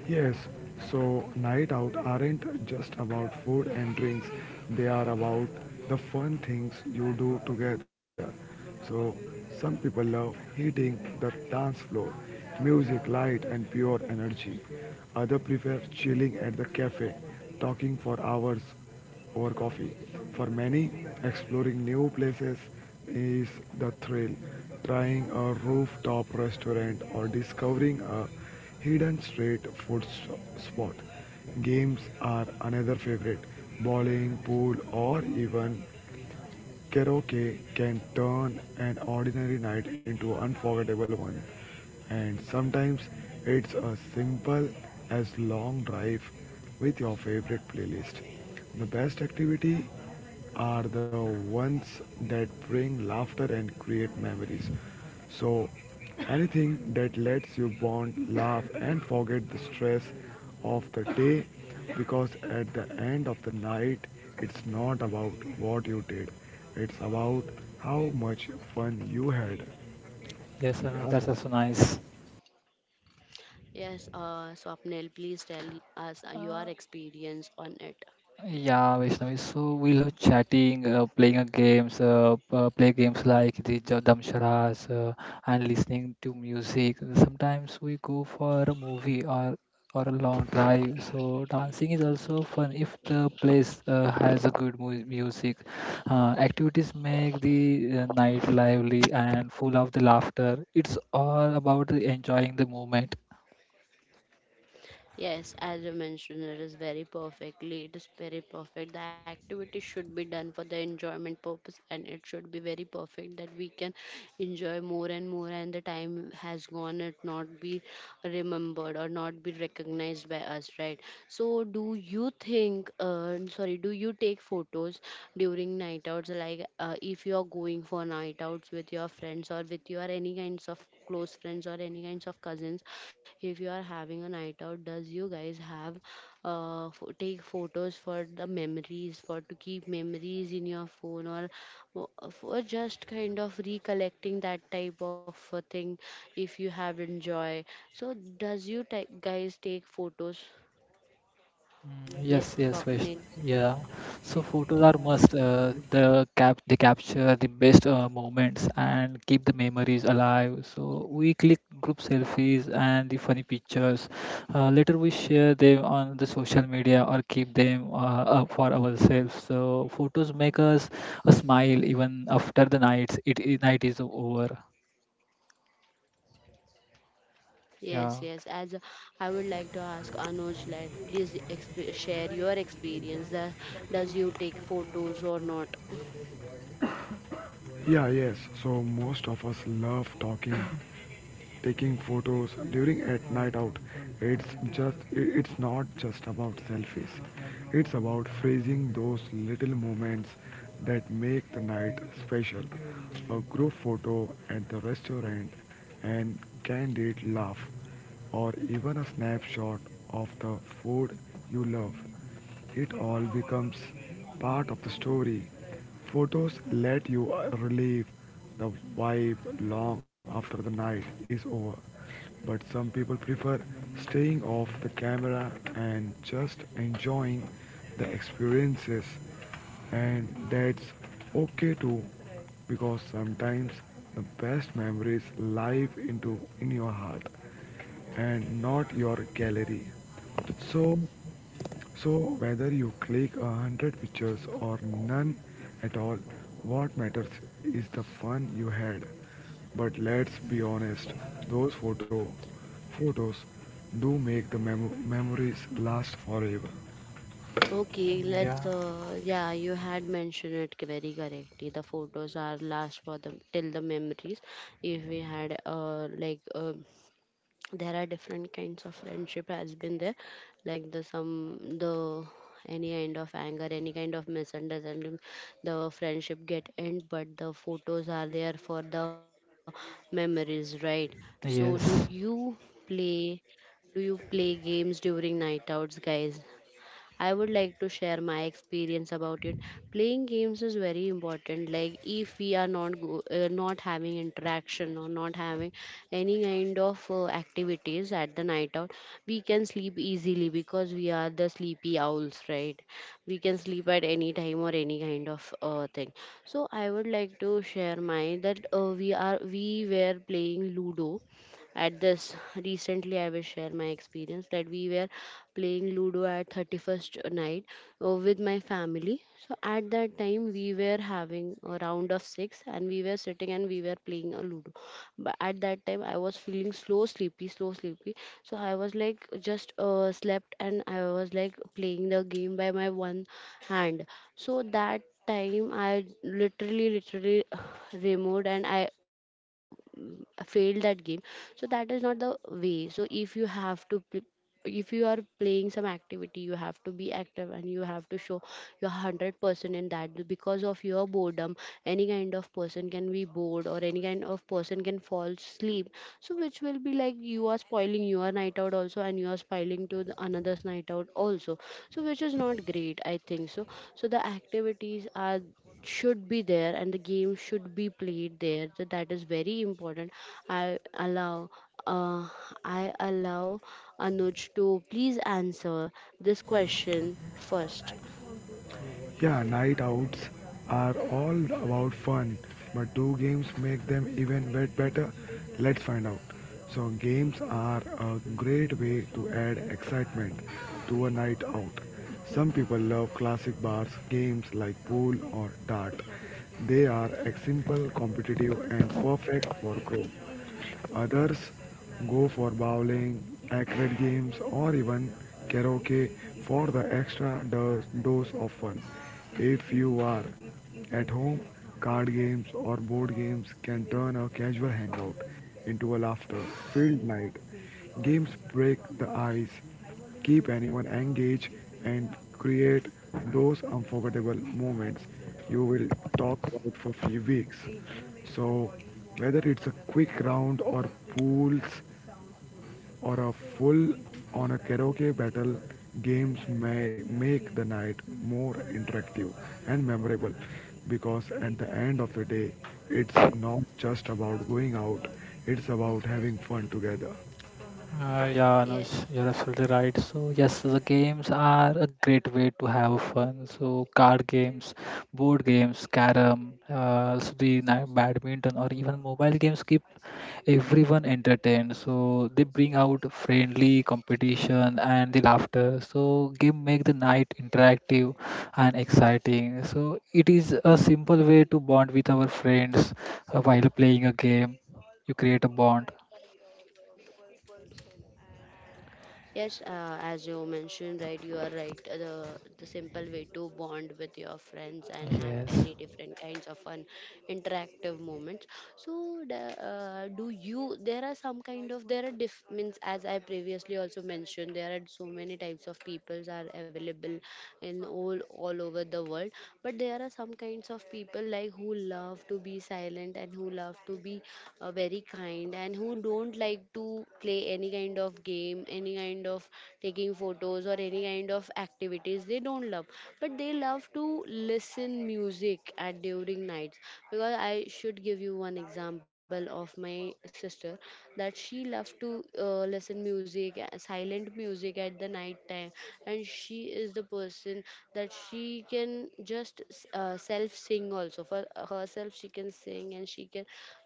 Speaker 3: Yes, so night out aren't just about food and drinks, they are about the fun things you do together. So, some people love hitting the dance floor, music, light, and pure energy. Others prefer chilling at the cafe, talking for hours over coffee. For many, exploring new places is the thrill. Trying a rooftop restaurant or discovering a hidden street food spot. Games are another favorite. Bowling, pool, or even Karaoke can turn an ordinary night into an unforgettable one, and sometimes it's as simple as long drive with your favorite playlist. The best activity are the ones that bring laughter and create memories. So anything that lets you bond, laugh, and forget the stress of the day, because at the end of the night, it's not about what you did, it's about how much fun you had.
Speaker 2: Yes,
Speaker 3: Yeah,
Speaker 2: that's
Speaker 3: so
Speaker 2: also nice.
Speaker 1: Yes, Swapnil, please tell us your experience on it.
Speaker 2: Yeah, Vaishnavi. So we love chatting, play games like the Damsharas, and listening to music. Sometimes we go for a movie or a long drive. So dancing is also fun if the place has a good mu music. Activities make the night lively and full of the laughter. It's all about the enjoying the moment.
Speaker 1: Yes, as you mentioned, it is very perfectly. It is very perfect. The activity should be done for the enjoyment purpose, and it should be very perfect that we can enjoy more and more. And the time has gone, it not be remembered or not be recognized by us, right? So, do you think? Sorry, do you take photos during night outs? Like, if you are going for night outs with your friends or with your any kinds of close friends or any kinds of cousins, if you are having a night out, does you guys have take photos for the memories, for to keep memories in your phone, or for just kind of recollecting that type of a thing if you have enjoy. So does you guys take photos?
Speaker 2: Yes,
Speaker 1: Yes,
Speaker 2: yes,
Speaker 1: Swapnil.
Speaker 2: Vaishnavi. Yeah. So photos are must. They capture the best moments and keep the memories alive. So we click group selfies and the funny pictures. Later we share them on the social media or keep them up for ourselves. So photos make us a smile even after the nights it, it night is over.
Speaker 1: Yes,
Speaker 2: Yeah.
Speaker 1: yes. As a, I would like to ask Anuj, like, please share your experience. That does you take photos or not?
Speaker 3: Yeah, yes, so most of us love talking taking photos during at night out. It's just it's not just about selfies, it's about phrasing those little moments that make the night special. A group photo at the restaurant, and candid laugh, or even a snapshot of the food you love, it all becomes part of the story. Photos let you relieve the vibe long after the night is over. But some people prefer staying off the camera and just enjoying the experiences. And that's okay too, because sometimes the best memories live into in your heart and not your gallery. So, so whether you click a hundred pictures or none at all, what matters is the fun you had. But let's be honest, those photos do make the memories last forever.
Speaker 1: Okay, let's.
Speaker 2: Yeah.
Speaker 1: Yeah, you had mentioned it very correctly. The photos are last for the till the memories. If we had, there are different kinds of friendship has been there, like the some the any kind of anger, any kind of misunderstanding, the friendship get end, but the photos are there for the memories, right? So, do
Speaker 2: Yes.
Speaker 1: you play? Do you play games during night outs, guys? I would like to share my experience about it. Playing games is very important. Like if we are not having interaction or not having any kind of activities at the night out, we can sleep easily because we are the sleepy owls, right? We can sleep at any time or any kind of thing. So I would like to share my that we are we were playing Ludo at this. Recently, I will share my experience that we were playing Ludo at 31st night with my family. So at that time, we were having a round of six, and we were sitting and we were playing a Ludo. But at that time, I was feeling sleepy. So I was like just slept, and I was like playing the game by my one hand. So that time I literally removed, and I failed that game. So that is not the way. So if you have if you are playing some activity, you have to be active and you have to show your 100% in that. Because of your boredom, any kind of person can be bored or any kind of person can fall asleep, so which will be like you are spoiling your night out also, and you are spoiling to the another's night out also, so which is not great, I think so. So the activities are should be there and the game should be played there. So that is very important. i allow uh, I allow Anuj to please answer this question first.
Speaker 3: Yeah, night outs are all about fun, but do games make them even better? Let's find out. So, games are a great way to add excitement to a night out. Some people love classic bars games like pool or dart. They are simple, competitive, and perfect for group. Others go for bowling, arcade games, or even karaoke for the extra dose of fun. If you are at home, card games or board games can turn a casual hangout into a laughter filled night. Games break the ice, keep anyone engaged, and create those unforgettable moments you will talk about for few weeks. So, whether it's a quick round or pools or a full on a karaoke battle, games may make the night more interactive and memorable, because at the end of the day, it's not just about going out, it's about having fun together.
Speaker 2: Yeah, no,
Speaker 1: Yeah,
Speaker 2: you're absolutely right. So yes, the games are a great way to have fun. So card games, board games, carom, also badminton or even mobile games keep everyone entertained. So they bring out friendly competition and the laughter. So game make the night interactive and exciting. So it is a simple way to bond with our friends while playing a game. You create a bond.
Speaker 1: yes, as you mentioned, right, you are right. The simple way to bond with your friends and have
Speaker 2: Yes.
Speaker 1: any different kinds of fun, interactive moments. So, there are some kind of, there are means as I previously also mentioned, there are so many types of peoples are available in all over the world, but there are some kinds of people like who love to be silent and who love to be very kind, and who don't like to play any kind of game, any kind of taking photos or any kind of activities they don't love. But they love to listen music at during nights, because I should give you one example of my sister, that she loves to listen music, silent music at the night time. And she is the person that she can just self sing also for herself. She can sing and she can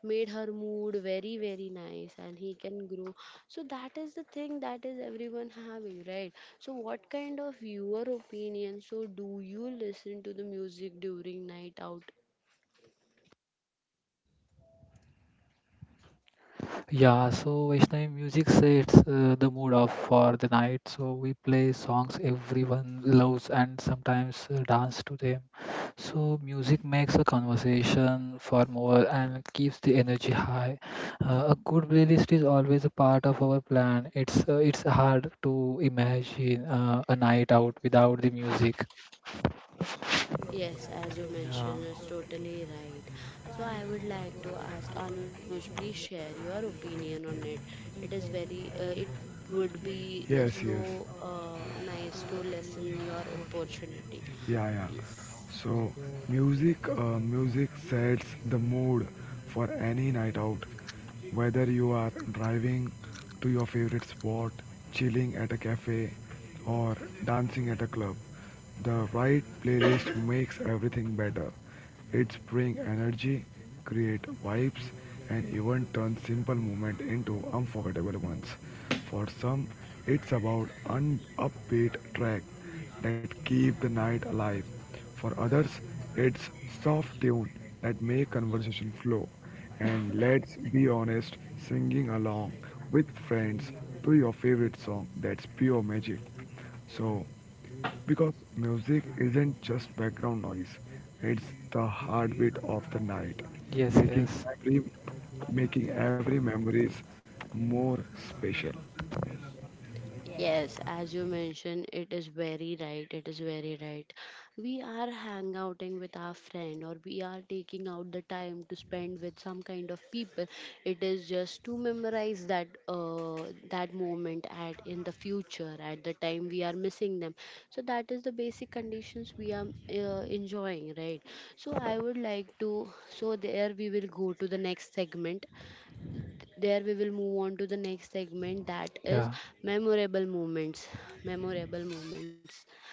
Speaker 1: made her mood very nice, and he can grow. So that is the thing, that is everyone having, right? So what kind of your opinion, so do you listen to the music during night out?
Speaker 2: Yeah, so Vaishnavi music sets the mood off for the night. So we play songs everyone loves and sometimes dance to them. So music makes a conversation for more and keeps the energy high. A good playlist is always a part of our plan. It's hard to imagine a night out without the music.
Speaker 1: Yes, as you
Speaker 2: Yeah.
Speaker 1: mentioned, it's totally right. So I would like to ask Anuj, please share your opinion on it. It is very, it would be
Speaker 3: Yes, yes.
Speaker 1: so nice to listen your opportunity,
Speaker 3: Yeah, yeah.
Speaker 1: please.
Speaker 3: So, music, music sets the mood for any night out. Whether you are driving to your favorite spot, chilling at a cafe, or dancing at a club, the right playlist makes everything better. It brings energy, create vibes, and even turn simple moments into unforgettable ones. For some, it's about an upbeat track that keep the night alive. For others, it's soft tune that make conversation flow. And let's be honest, singing along with friends to your favorite song, that's pure magic. So, because music isn't just background noise, it's the heartbeat of the night,
Speaker 2: Yes.
Speaker 3: making
Speaker 2: Yes.
Speaker 3: every making every memories more special.
Speaker 1: Yes, as you mentioned, it is very right. It is very right. We are hangouting with our friend, or we are taking out the time to spend with some kind of people. It is just to memorize that that moment at in the future, at the time we are missing them. So that is the basic conditions we are enjoying, right? So I would like to. So there we will go to the next segment, there we will move on to the next segment, that is
Speaker 2: Yeah.
Speaker 1: memorable moments. Memorable moments.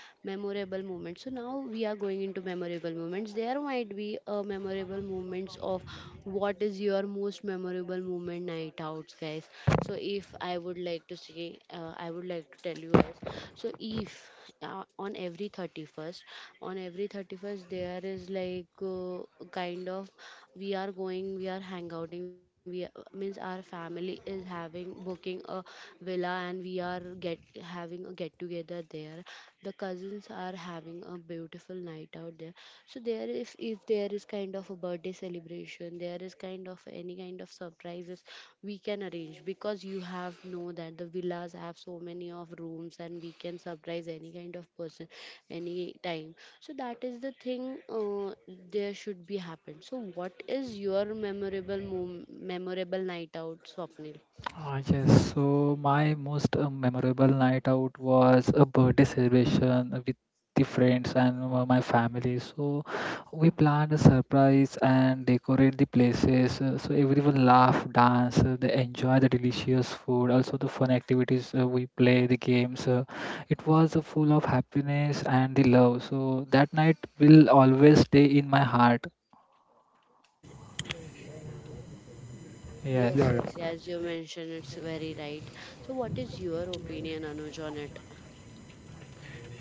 Speaker 1: Memorable moments. So now we are going into memorable moments. There might be a memorable moments of what is your most memorable moment night outs, guys. So if I would like to say, I would like to tell you guys. So if uh, on every 31st, on every 31st there is like kind of we are going we are hangouting we means our family is having booking a villa and we are get having a get together there. The cousins are having a beautiful night out there. So there, if there is kind of a birthday celebration, there is kind of any kind of surprises we can arrange, because you have know that the villas have so many of rooms, and we can surprise any kind of person any time. So that is the thing, there should be happened. So what is your memorable night out, Swapnil?
Speaker 2: Ah, yes, so my most memorable night out was a birthday celebration with the friends and my family. So we planned a surprise and decorate the places. So everyone laugh, dance, they enjoy the delicious food, also the fun activities. We play the games. It was full of happiness and the love. So that night will always stay in my heart.
Speaker 1: Yes,
Speaker 2: Yes,
Speaker 3: Yes.
Speaker 1: yes.
Speaker 3: Yeah, yeah.
Speaker 1: As you mentioned, it's very right. So what is your opinion, Anuj, on it?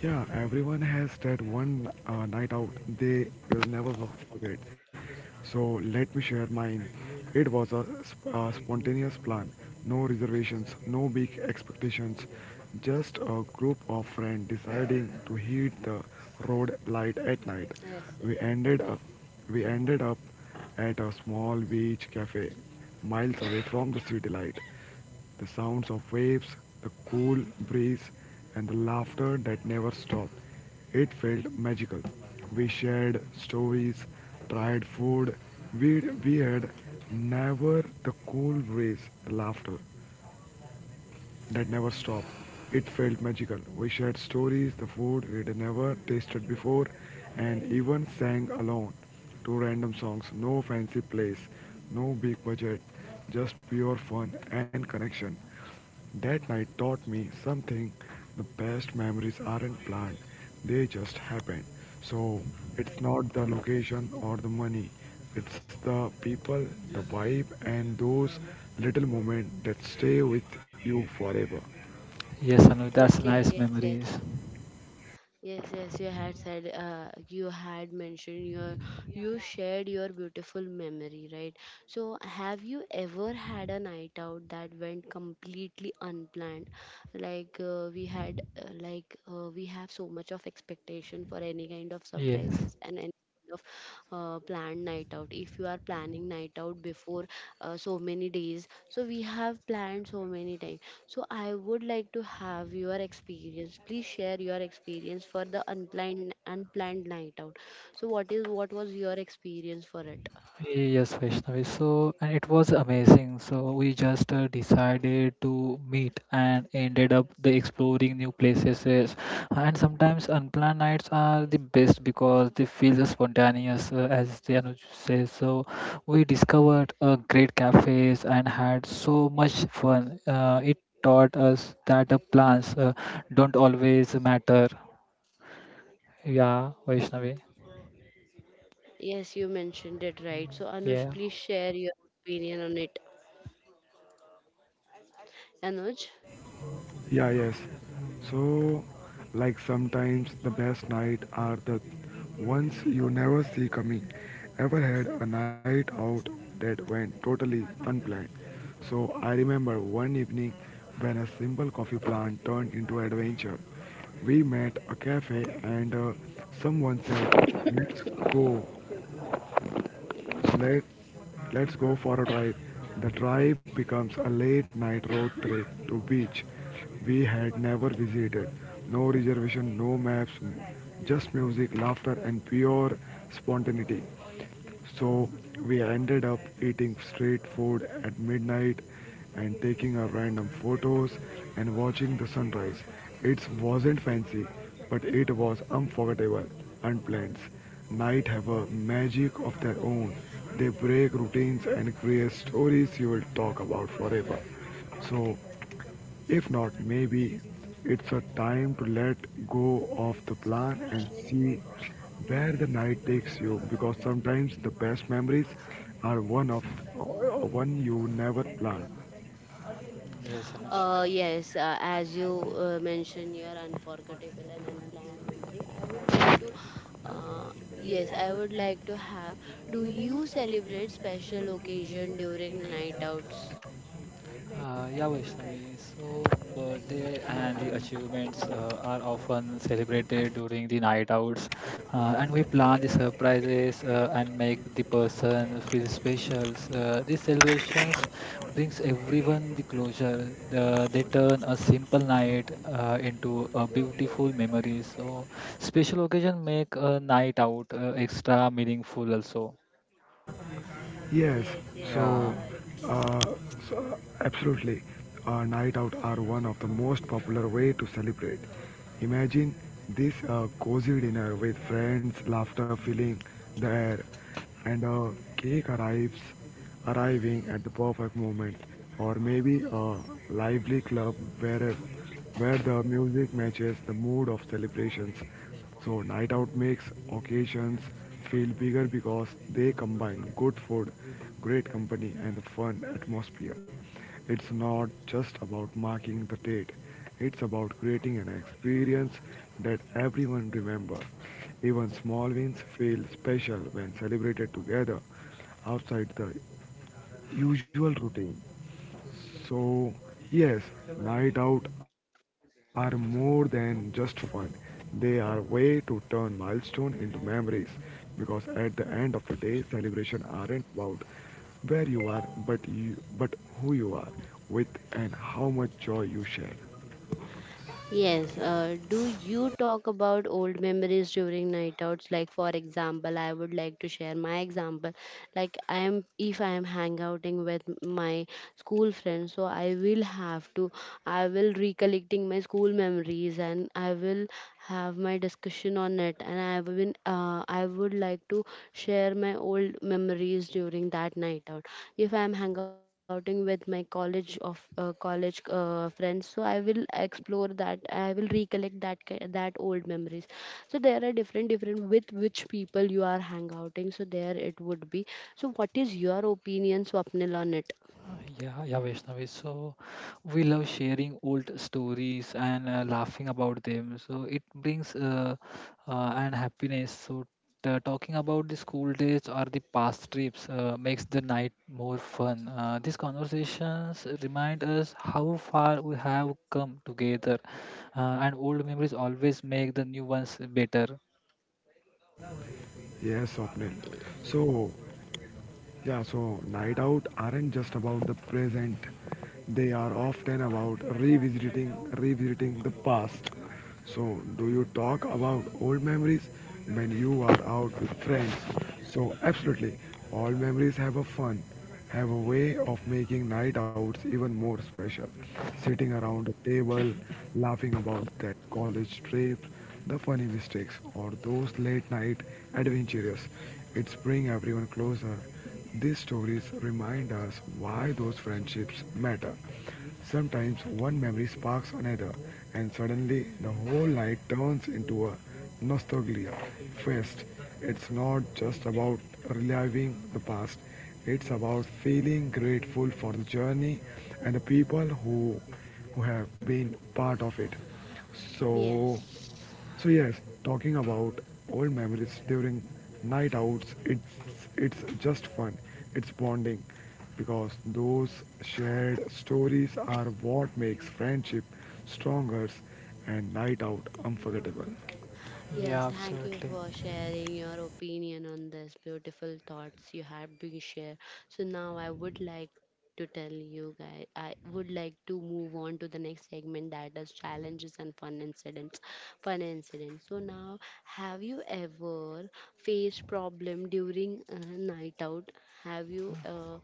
Speaker 3: Yeah, everyone has that one night out they will never forget. So let me share mine. It was a spontaneous plan, no reservations, no big expectations, just a group of friends deciding to hit the
Speaker 1: Yes.
Speaker 3: road
Speaker 1: Yes.
Speaker 3: light at night. We ended up, we ended up at a small beach cafe miles away from the city light. The sounds of waves, the cool breeze, and the laughter that never stopped. It felt magical. We shared stories, tried food. We had never The cool breeze, the laughter that never stopped. It felt magical. We shared stories, the food we'd never tasted before, and even sang alone to random songs. No fancy place, no big budget, just pure fun and connection. That night taught me something: the best memories aren't planned, they just happen. So it's not the location or the money, it's the people, the vibe, and those little moments that stay with you forever.
Speaker 2: yes, Anu, that's
Speaker 1: Okay,
Speaker 2: nice
Speaker 1: yes, yes.
Speaker 2: memories.
Speaker 1: Yes, yes, you had said, you had mentioned your, you shared your beautiful memory, right? So, have you ever had a night out that went completely unplanned? Like, we have so much of expectation for any kind of
Speaker 2: Yes.
Speaker 1: surprises and any kind of planned night out. If you are planning night out before so many days, so we have planned so many times. So I would like to have your experience. Please share your experience for the unplanned night out. So what was your experience for it?
Speaker 2: Yes, Vaishnavi. So, and it was amazing. So, we just decided to meet and ended up the exploring new places. And sometimes unplanned nights are the best because they feel spontaneous, as the Anuj says. So, we discovered great cafes and had so much fun. It taught us that plans don't always matter. Yeah, Vaishnavi.
Speaker 1: Yes, you mentioned it right. So Anuj,
Speaker 2: Yeah.
Speaker 1: please share your opinion on it. Anuj,
Speaker 3: Yeah, yes. So, like sometimes the best night are the ones you never see coming. Ever had a night out that went totally unplanned? So I remember one evening when a simple coffee plan turned into adventure. We met a cafe and someone said, "Let's go." So let let's go for a drive. The drive becomes a late night road trip to beach we had never visited. No reservation, no maps, just music, laughter and pure spontaneity. So we ended up eating street food at midnight and taking our random photos and watching the sunrise surprise. It wasn't fancy, but it was unforgettable. And unplanned. Night have a magic of their own. They break routines and create stories you will talk about forever. So, if not, maybe it's a time to let go of the plan and see where the night takes you, because sometimes the best memories are one you never planned.
Speaker 2: Yes, Anuj.
Speaker 1: yes, as you mentioned your unforgettable and unplanned memory, I would like to, uh, yes, I would like to have. Do you celebrate special occasion during night outs?
Speaker 2: Yeah, Vaishnavi. So, birthday and the achievements are often celebrated during the night outs, and we plan the surprises and make the person feel special. These celebrations brings everyone the closure. They turn a simple night into a beautiful memory. So, special occasion make a night out extra meaningful also.
Speaker 3: Yes, so,
Speaker 2: Yeah.
Speaker 3: uh, absolutely, night out are one of the most popular way to celebrate. Imagine this cozy dinner with friends, laughter filling the air, and a cake arrives arriving at the perfect moment, or maybe a lively club where, where the music matches the mood of celebrations. So, night out makes occasions feel bigger because they combine good food, great company, and a fun atmosphere. It's not just about marking the date, it's about creating an experience that everyone remembers. Even small wins feel special when celebrated together outside the usual routine. So, yes, night out are more than just fun. They are a way to turn milestone into memories, because at the end of the day celebration aren't about where you are but who you are with and how much joy you share.
Speaker 1: Yes, do
Speaker 2: Yes.
Speaker 1: you talk about old memories during night outs? Like, for example, I would like to share my example. Like, I am if I am hang outing with my school friends, so I will have to, I will recollecting my school memories and I will have my discussion on it. And I have been, I would like to share my old memories during that night out. If I am hang outing with my college friends, so I will explore that, I will recollect that that old memories. So there are different different with which people you are hang outing, so there it would be. So what is your opinion, Swapnil, on it?
Speaker 2: Yeah, yeah, Vaishnavi. So we love sharing old stories and laughing about them. So it brings and happiness. So talking about the school days or the past trips makes the night more fun. These conversations remind us how far we have come together, and old memories always make the new ones better.
Speaker 3: Yes, Swapnil.
Speaker 2: Yeah,
Speaker 3: So yeah, so night out aren't just about the present. They are often about revisiting the past. So do you talk about old memories when you are out with friends? So absolutely. All memories have a fun, have a way of making night outs even more special. Sitting around a table, laughing about that college trip, the funny mistakes, or those late night adventures. It's bring everyone closer, these stories remind us why those friendships matter. Sometimes one memory sparks another, and suddenly the whole night turns into a nostalgia fest. It's not just about reliving the past, it's about feeling grateful for the journey and the people who have been part of it. So,
Speaker 1: Yes.
Speaker 3: so yes, talking about old memories during night outs, it's just fun. It's bonding, because those shared stories are what makes friendship stronger and night out unforgettable.
Speaker 1: Yes,
Speaker 2: Yeah,
Speaker 1: thank you
Speaker 2: absolutely.
Speaker 1: for sharing your opinion on this beautiful thoughts you have been share. So now I would like to tell you guys, I would like to move on to the next segment, that is challenges and fun incidents. Fun incidents. So now, have you ever faced problem during a night out? Have you uh,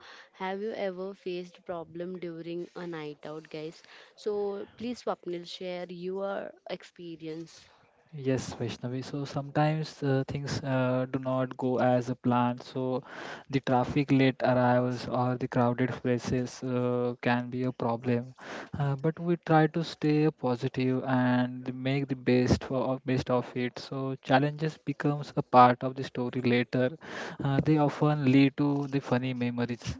Speaker 1: have you ever faced problem during a night out, guys? So please, Swapnil, share your experience.
Speaker 2: Yes, Vaishnavi. So sometimes things do not go as a plan. So the traffic, late arrivals, or the crowded places can be a problem. But we try to stay positive and make the best of it. So challenges becomes a part of the story later. They often lead to the funny memories.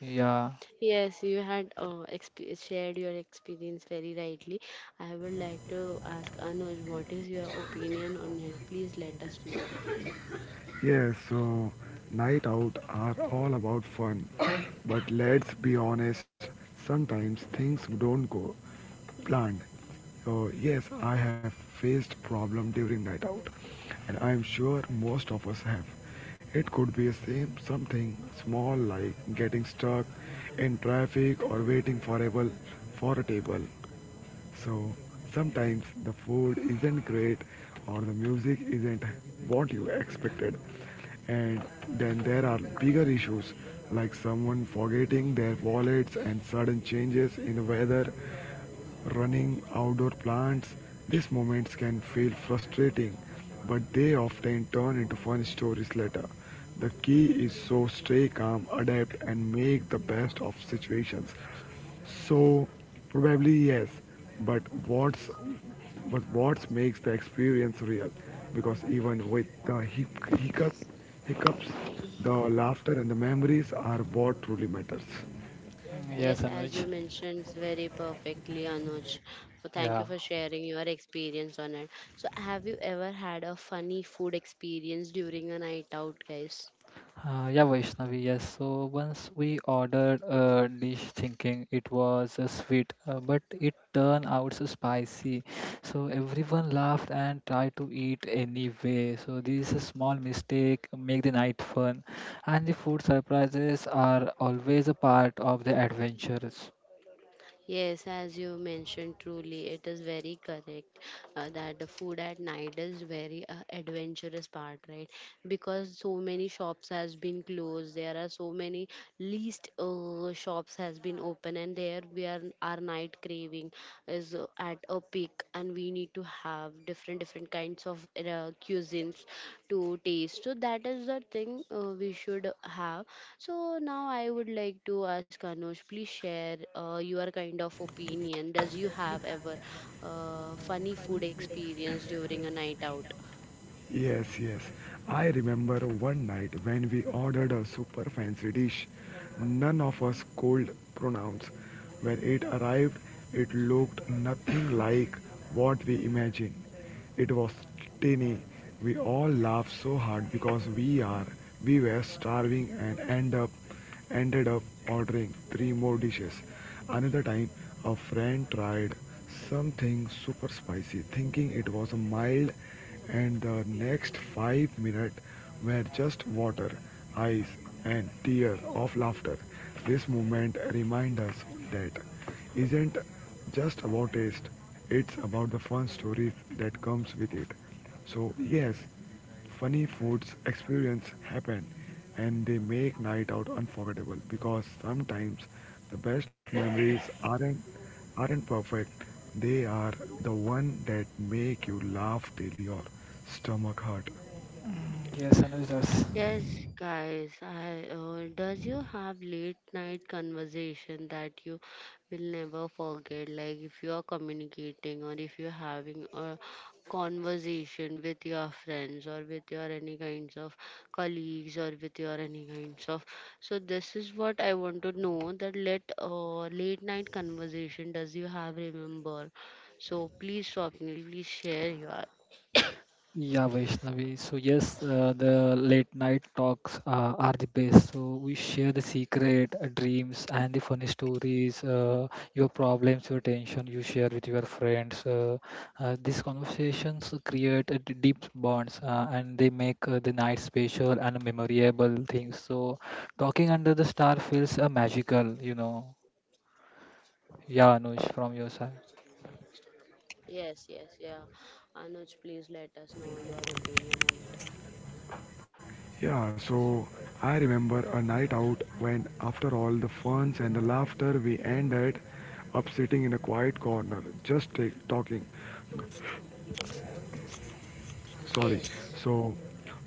Speaker 2: Yeah.
Speaker 1: Yes, you had shared your experience very rightly. I would like to ask Anuj, what is your opinion on it? Please let us know.
Speaker 3: Yes, so night out are all about fun. But let's be honest, sometimes things don't go planned. So yes, I have faced problem during night out, and I am sure most of us have. It could be a same something small like getting stuck in traffic or waiting forever for a table. So sometimes the food isn't great or the music isn't what you expected. And then there are bigger issues like someone forgetting their wallets and sudden changes in the weather, running outdoor plants. These moments can feel frustrating, but they often turn into fun stories later. The key is so stay calm, adapt and make the best of situations. So probably yes, but what makes the experience real? Because even with the hiccups, the laughter and the memories are what truly matters.
Speaker 1: Yes, as
Speaker 2: Yes,
Speaker 1: you
Speaker 2: Anuj.
Speaker 1: mentioned very perfectly, Anuj. So thank you for
Speaker 2: Yeah.
Speaker 1: sharing your experience on it. So have you ever had a funny food experience during a night out, guys?
Speaker 2: Yeah, Vaishnavi, yes. So once we ordered a dish thinking it was a sweet, but it turned out so spicy. So everyone laughed and tried to eat anyway. So this is a small mistake, make the night fun. And the food surprises are always a part of the adventures.
Speaker 1: Yes, as you mentioned, truly, it is very correct, that the food at night is very adventurous part, right? Because so many shops has been closed, there are so many least shops has been open, and there we are our night craving is at a peak, and we need to have different different kinds of cuisines to taste. So that is the thing, we should have. So now I would like to ask Anush, please share your kind of opinion. Does you have ever funny food experience during a night out?
Speaker 3: Yes, yes. I remember one night when we ordered a super fancy dish. None of us could pronounce. When it arrived, it looked nothing like what we imagined. It was tiny. We all laughed so hard because we were starving and ended up ordering three more dishes. Another time, a friend tried something super spicy, thinking it was mild, and the next 5 minutes were just water, ice, and tears of laughter. This moment reminds us that isn't just about taste, it's about the fun stories that comes with it. So yes, funny foods experience happen and they make night out unforgettable, because sometimes the best memories aren't perfect. They are the one that make you laugh daily or stomach hurt.
Speaker 2: Mm, yes, Anuj does.
Speaker 1: Yes, guys, I does you have late night conversation that you will never forget? Like if you are communicating or if you're having a conversation with your friends or with your any kinds of colleagues or with your any kinds of, so this is what I want to know, that let late night conversation does you have remember? So please Swapnil, please share your
Speaker 2: Yeah, Vaishnavi. So yes, the late night talks are the best. So we share the secret, dreams, and the funny stories, your problems, your tension. You share with your friends. These conversations create a deep bonds, and they make the night special and memorable things. So talking under the star feels magical, you know. Yeah, Anush, from your side.
Speaker 1: Yes, yes, yeah. Anuj, please let us know your opinion on it.
Speaker 3: Yeah, so I remember a night out when after all the funs and the laughter we ended up sitting in a quiet corner just talking. Sorry.
Speaker 1: Yes.
Speaker 3: So,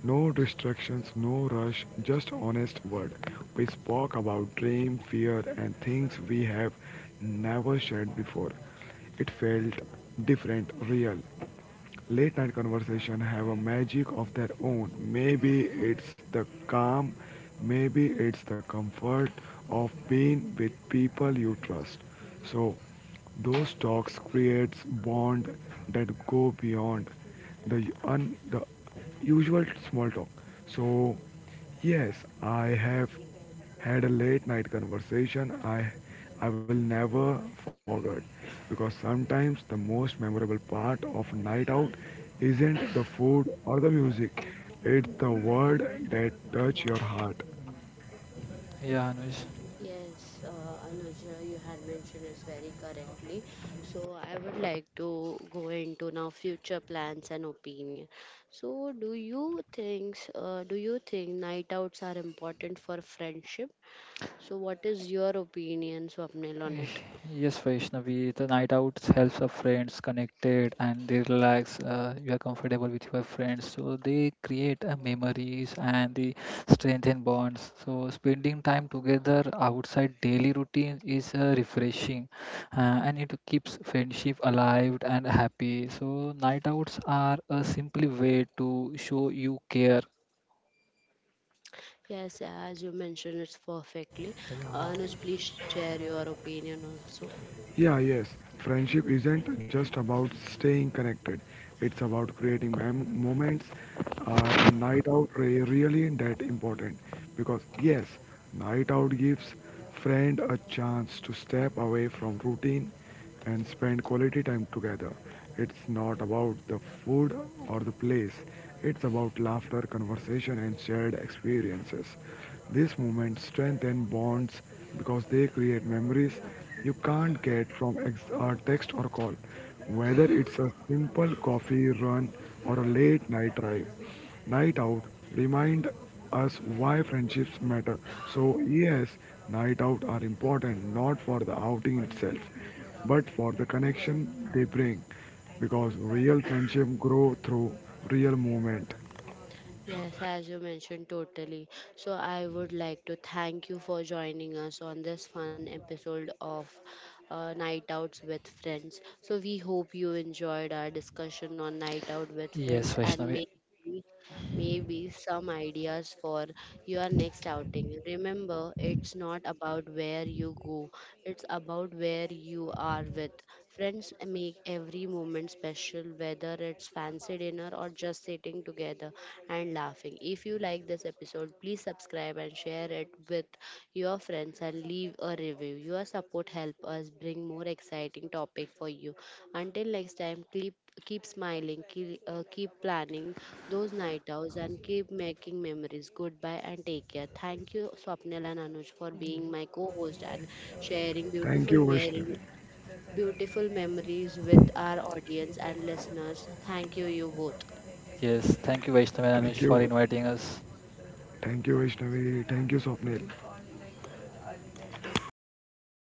Speaker 3: no distractions, no rush, just honest word. We spoke about dream, fear, and things we have never shared before. It felt different, real. Late night conversation have a magic of their own. Maybe it's the calm, maybe it's the comfort of being with people you trust. So those talks creates bond that go beyond the the usual small talk. So yes, I have had a late night conversation I will never forget, because sometimes the most memorable part of night out isn't the food or the music. It's the word that touch your heart.
Speaker 2: Yeah, Anush.
Speaker 1: Yes, Anuj, you had mentioned is very correctly. So I would like to go into now future plans and opinion. So do you think night outs are important for friendship? So what is your opinion, Swapnil, on
Speaker 2: Eh,
Speaker 1: it?
Speaker 2: Yes, Vaishnavi, the night out helps our friends connected and they relax. You are comfortable with your friends, so they create memories and they strengthen bonds. So spending time together outside daily routines is refreshing, and it keeps friendship alive and happy. So night outs are a simple way to show you care.
Speaker 1: Yes, as you mentioned, it's perfectly.
Speaker 2: Yeah.
Speaker 1: Anuj, please share your opinion also.
Speaker 3: Yeah, yes. Friendship isn't just about staying connected. It's about creating moments. Are night out really that important? Because yes, night out gives friend a chance to step away from routine and spend quality time together. It's not about the food or the place, it's about laughter, conversation, and shared experiences. These moments strengthen bonds because they create memories you can't get from a text or a call, whether it's a simple coffee run or a late night drive. Night out remind us why friendships matter. So yes, night out are important not for the outing itself but for the connection they bring, because real friendship grow through real movement.
Speaker 1: Yes, as you mentioned, totally. So, I would like to thank you for joining us on this fun episode of Night Outs with Friends. So, we hope you enjoyed our discussion on Night Out with
Speaker 2: Yes,
Speaker 1: Friends, and
Speaker 2: Vaishnavi.
Speaker 1: maybe, maybe some ideas for your next outing. Remember, it's not about where you go, it's about where you are with. Friends make every moment special, whether it's fancy dinner or just sitting together and laughing. If you like this episode, please subscribe and share it with your friends and leave a review. Your support help us bring more exciting topic for you. Until next time, keep keep smiling, keep, keep planning those night outs and keep making memories. Goodbye and take care. Thank you Swapnil and Anuj for being my co-host and sharing
Speaker 3: Thank you, Vaishnavi.
Speaker 1: beautiful memories with our audience and listeners. Thank you you both.
Speaker 2: Yes, thank you, Vaishnavi and
Speaker 3: Thank
Speaker 2: Anush, for
Speaker 3: you.
Speaker 2: inviting us.
Speaker 3: Thank you, Vaishnavi. Thank you, Swapnil.